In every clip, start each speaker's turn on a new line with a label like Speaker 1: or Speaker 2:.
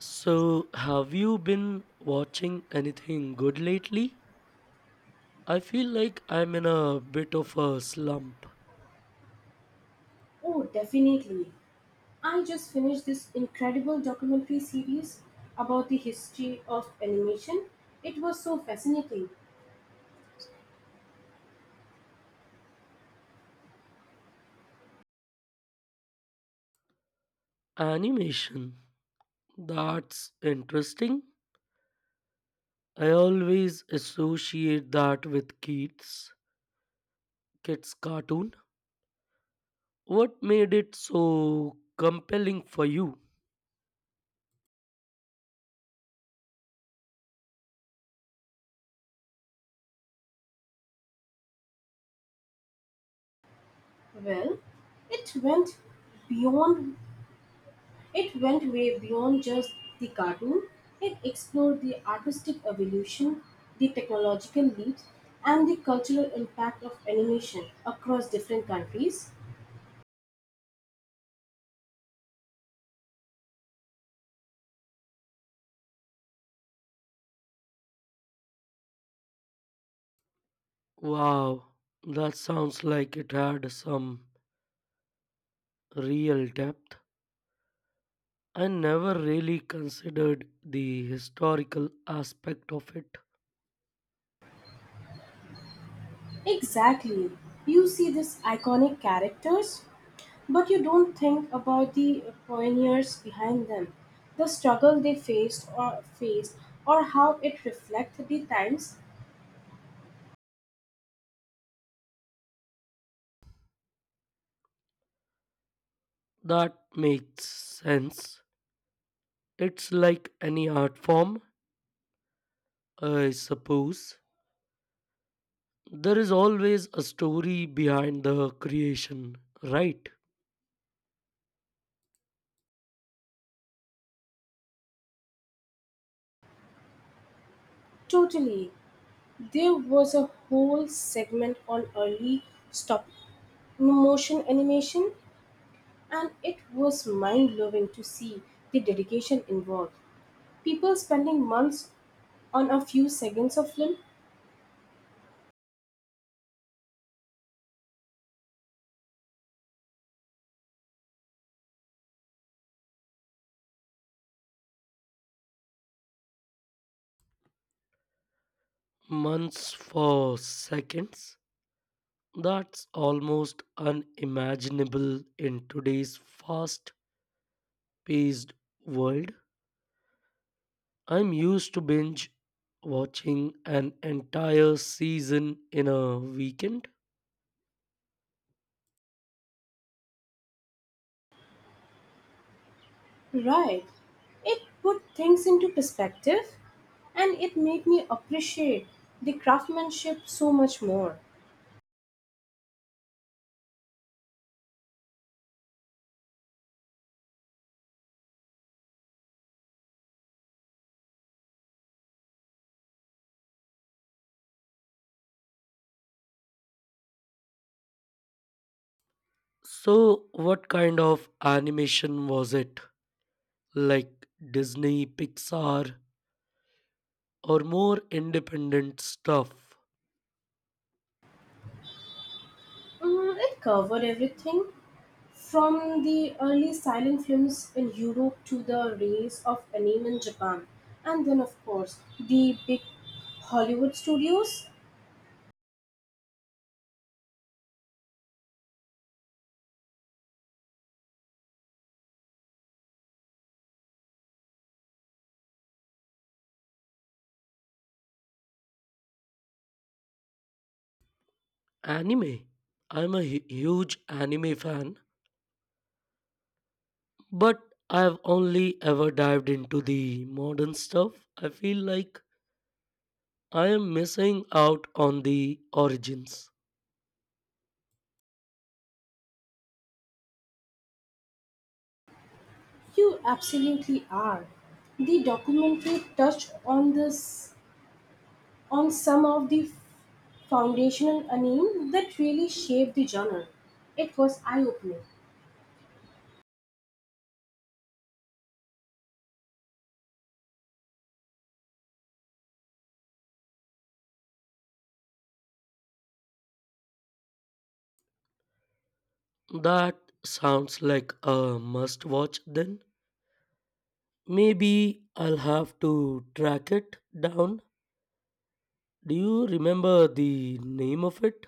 Speaker 1: So, have you been watching anything good lately? I feel like I'm in a bit of a slump.
Speaker 2: Oh, definitely. I just finished this incredible documentary series about the history of animation. It was so fascinating.
Speaker 1: Animation. That's interesting. I always associate that with kids, kids' cartoon. What made it so compelling for you?
Speaker 2: Well, it went beyond it went way beyond just the cartoon. It explored the artistic evolution, the technological leaps, and the cultural impact of animation across different countries.
Speaker 1: Wow, that sounds like it had some real depth. I never really considered the historical aspect of it.
Speaker 2: Exactly. You see these iconic characters, but you don't think about the pioneers behind them, the struggle they faced or faced, or how it reflected the times.
Speaker 1: That makes sense. It's like any art form, I suppose. There is always a story behind the creation, right?
Speaker 2: Totally. There was a whole segment on early stop motion animation, and it was mind blowing to see the dedication involved. People spending months on a few seconds of film.
Speaker 1: Months for seconds. That's almost unimaginable in today's fast paced world. I'm used to binge watching an entire season in a weekend.
Speaker 2: Right. It put things into perspective, and it made me appreciate the craftsmanship so much more.
Speaker 1: So, what kind of animation was it? Like Disney, Pixar, or more independent stuff.
Speaker 2: It covered everything from the early silent films in Europe to the race of anime in Japan. And then, of course, the big Hollywood studios.
Speaker 1: Anime. I'm a huge anime fan, but I've only ever dived into the modern stuff. I feel like I am missing out on the origins.
Speaker 2: You absolutely are. The documentary touched on this on some of the foundational anime that really shaped the genre. It was eye opening.
Speaker 1: That sounds like a must watch then. Maybe I'll have to track it down. Do you remember the name of it?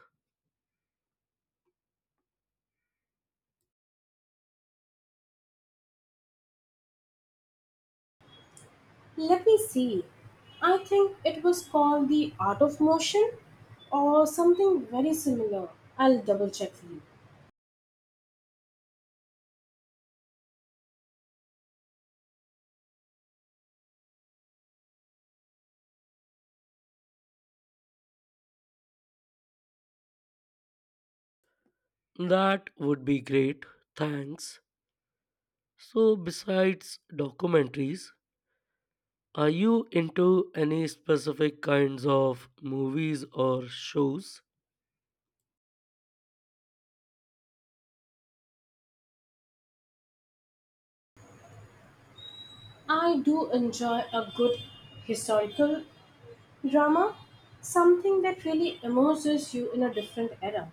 Speaker 2: Let me see. I think it was called The Art of Motion or something very similar. I'll double check for you.
Speaker 1: That would be great. Thanks. So, besides documentaries, are you into any specific kinds of movies or shows?
Speaker 2: I do enjoy a good historical drama, something that really immerses you in a different era.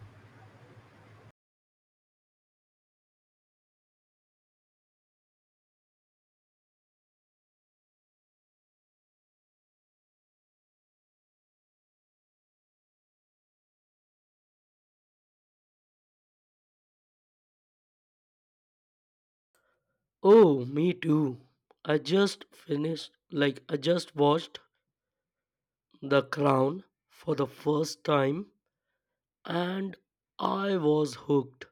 Speaker 1: Oh, me too. I just watched The Crown for the first time and I was hooked.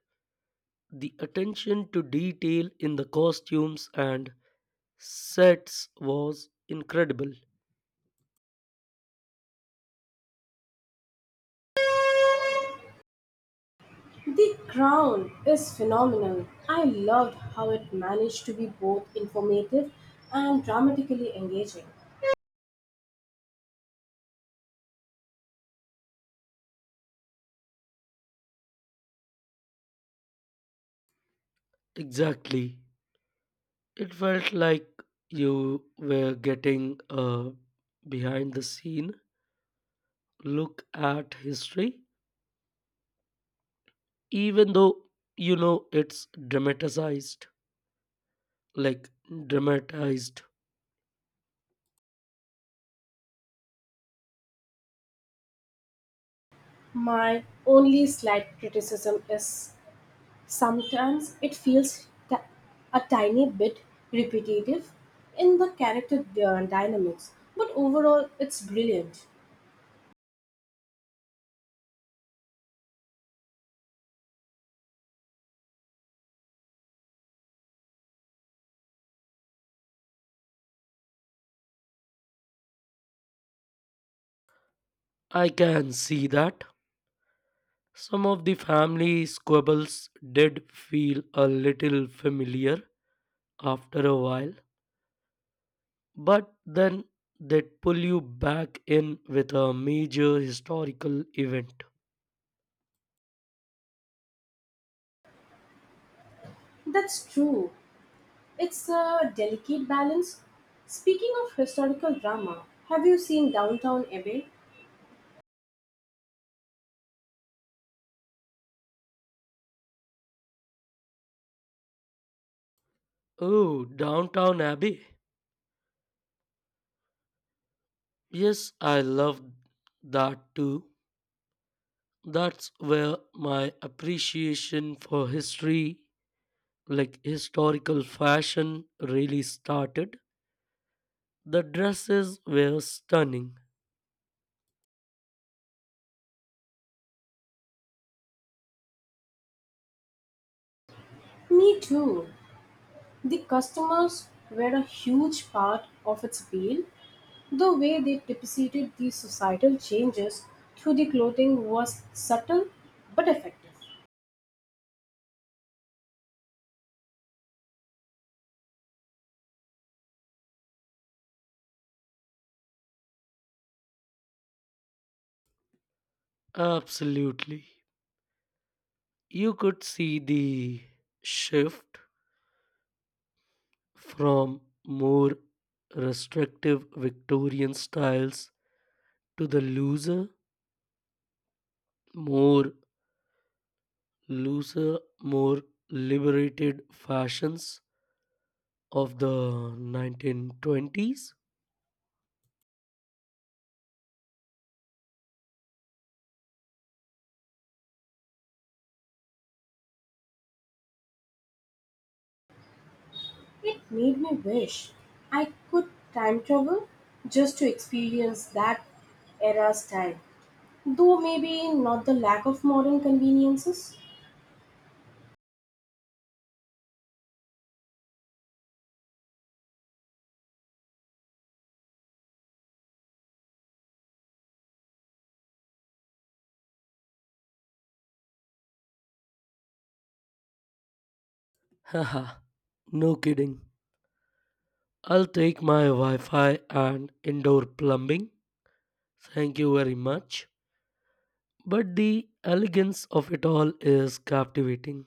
Speaker 1: The attention to detail in the costumes and sets was incredible.
Speaker 2: The Crown is phenomenal. I loved how it managed to be both informative and dramatically engaging.
Speaker 1: Exactly. It felt like you were getting a behind the scene look at history, even though you know it's dramatized. Like, dramatized.
Speaker 2: My only slight criticism is sometimes a tiny bit repetitive in the character dynamics, but overall it's brilliant.
Speaker 1: I can see that. Some of the family squabbles did feel a little familiar after a while, but then they'd pull you back in with a major historical event.
Speaker 2: That's true. It's a delicate balance. Speaking of historical drama, have you seen Downtown Abbey?
Speaker 1: Oh, Downtown Abbey. Yes, I love that too. That's where my appreciation for history, like historical fashion, really started. The dresses were stunning.
Speaker 2: Me too. The customers were a huge part of its appeal. The way they depicted the societal changes through the clothing was subtle but effective.
Speaker 1: Absolutely. You could see the shift from more restrictive Victorian styles to the more looser, more liberated fashions of the 1920s?
Speaker 2: It made me wish I could time travel just to experience that era's style. Though maybe not the lack of modern conveniences,
Speaker 1: Haha, no kidding. I'll take my Wi Fi and indoor plumbing. Thank you very much. But the elegance of it all is captivating.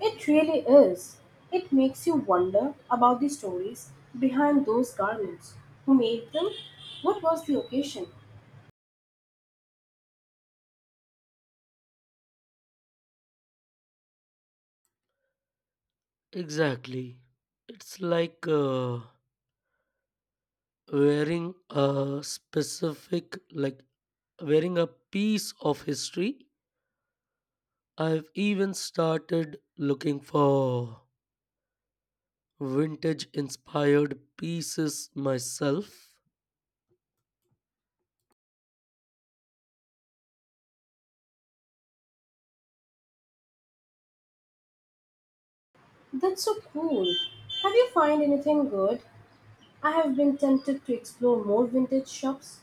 Speaker 2: it really is. It makes you wonder about the stories behind those garments. Who made them? What was the occasion?
Speaker 1: Exactly. It's like wearing a specific, like wearing a piece of history. I've even started looking for vintage inspired pieces myself.
Speaker 2: That's so cool. Have you found anything good? I have been tempted to explore more vintage shops.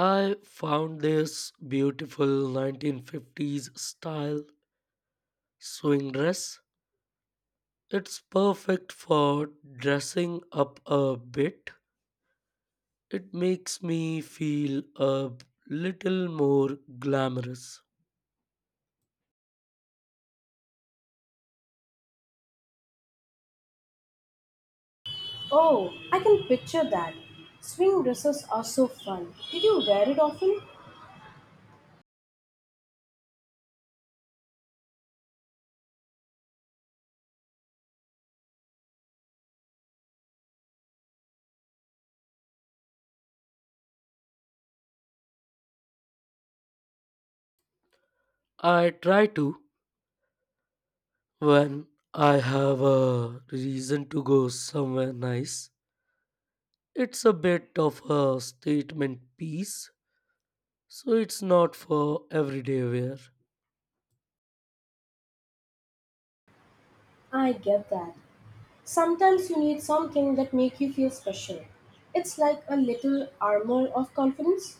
Speaker 1: I found this beautiful 1950s style swing dress. It's perfect for dressing up a bit. It makes me feel a little more glamorous.
Speaker 2: Oh, I can picture that. Swing dresses are so fun. Did you wear it often?
Speaker 1: I try to when I have a reason to go somewhere nice. It's a bit of a statement piece, so it's not for everyday wear.
Speaker 2: I get that. Sometimes you need something that make you feel special. It's like a little armor of confidence.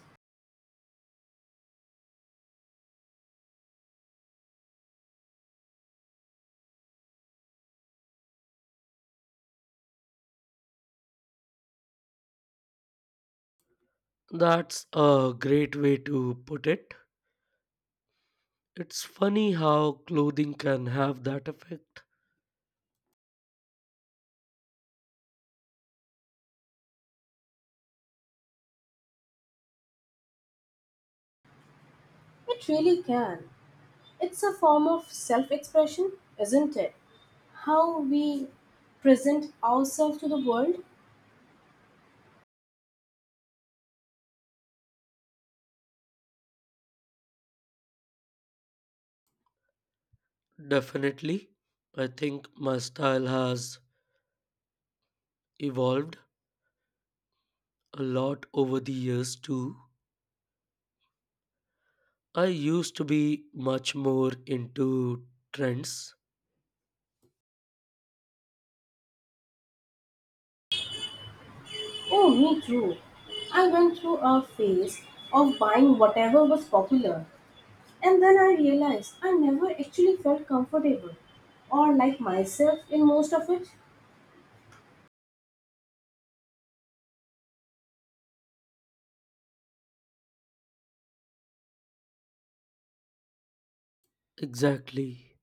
Speaker 1: That's a great way to put it. It's funny how clothing can have that effect.
Speaker 2: It really can. It's a form of self-expression, isn't it? How we present ourselves to the world.
Speaker 1: Definitely. I think my style has evolved a lot over the years too. I used to be much more into trends.
Speaker 2: Oh, me too. I went through a phase of buying whatever was popular, and then I realized I never actually felt comfortable or like myself in most of it.
Speaker 1: Exactly.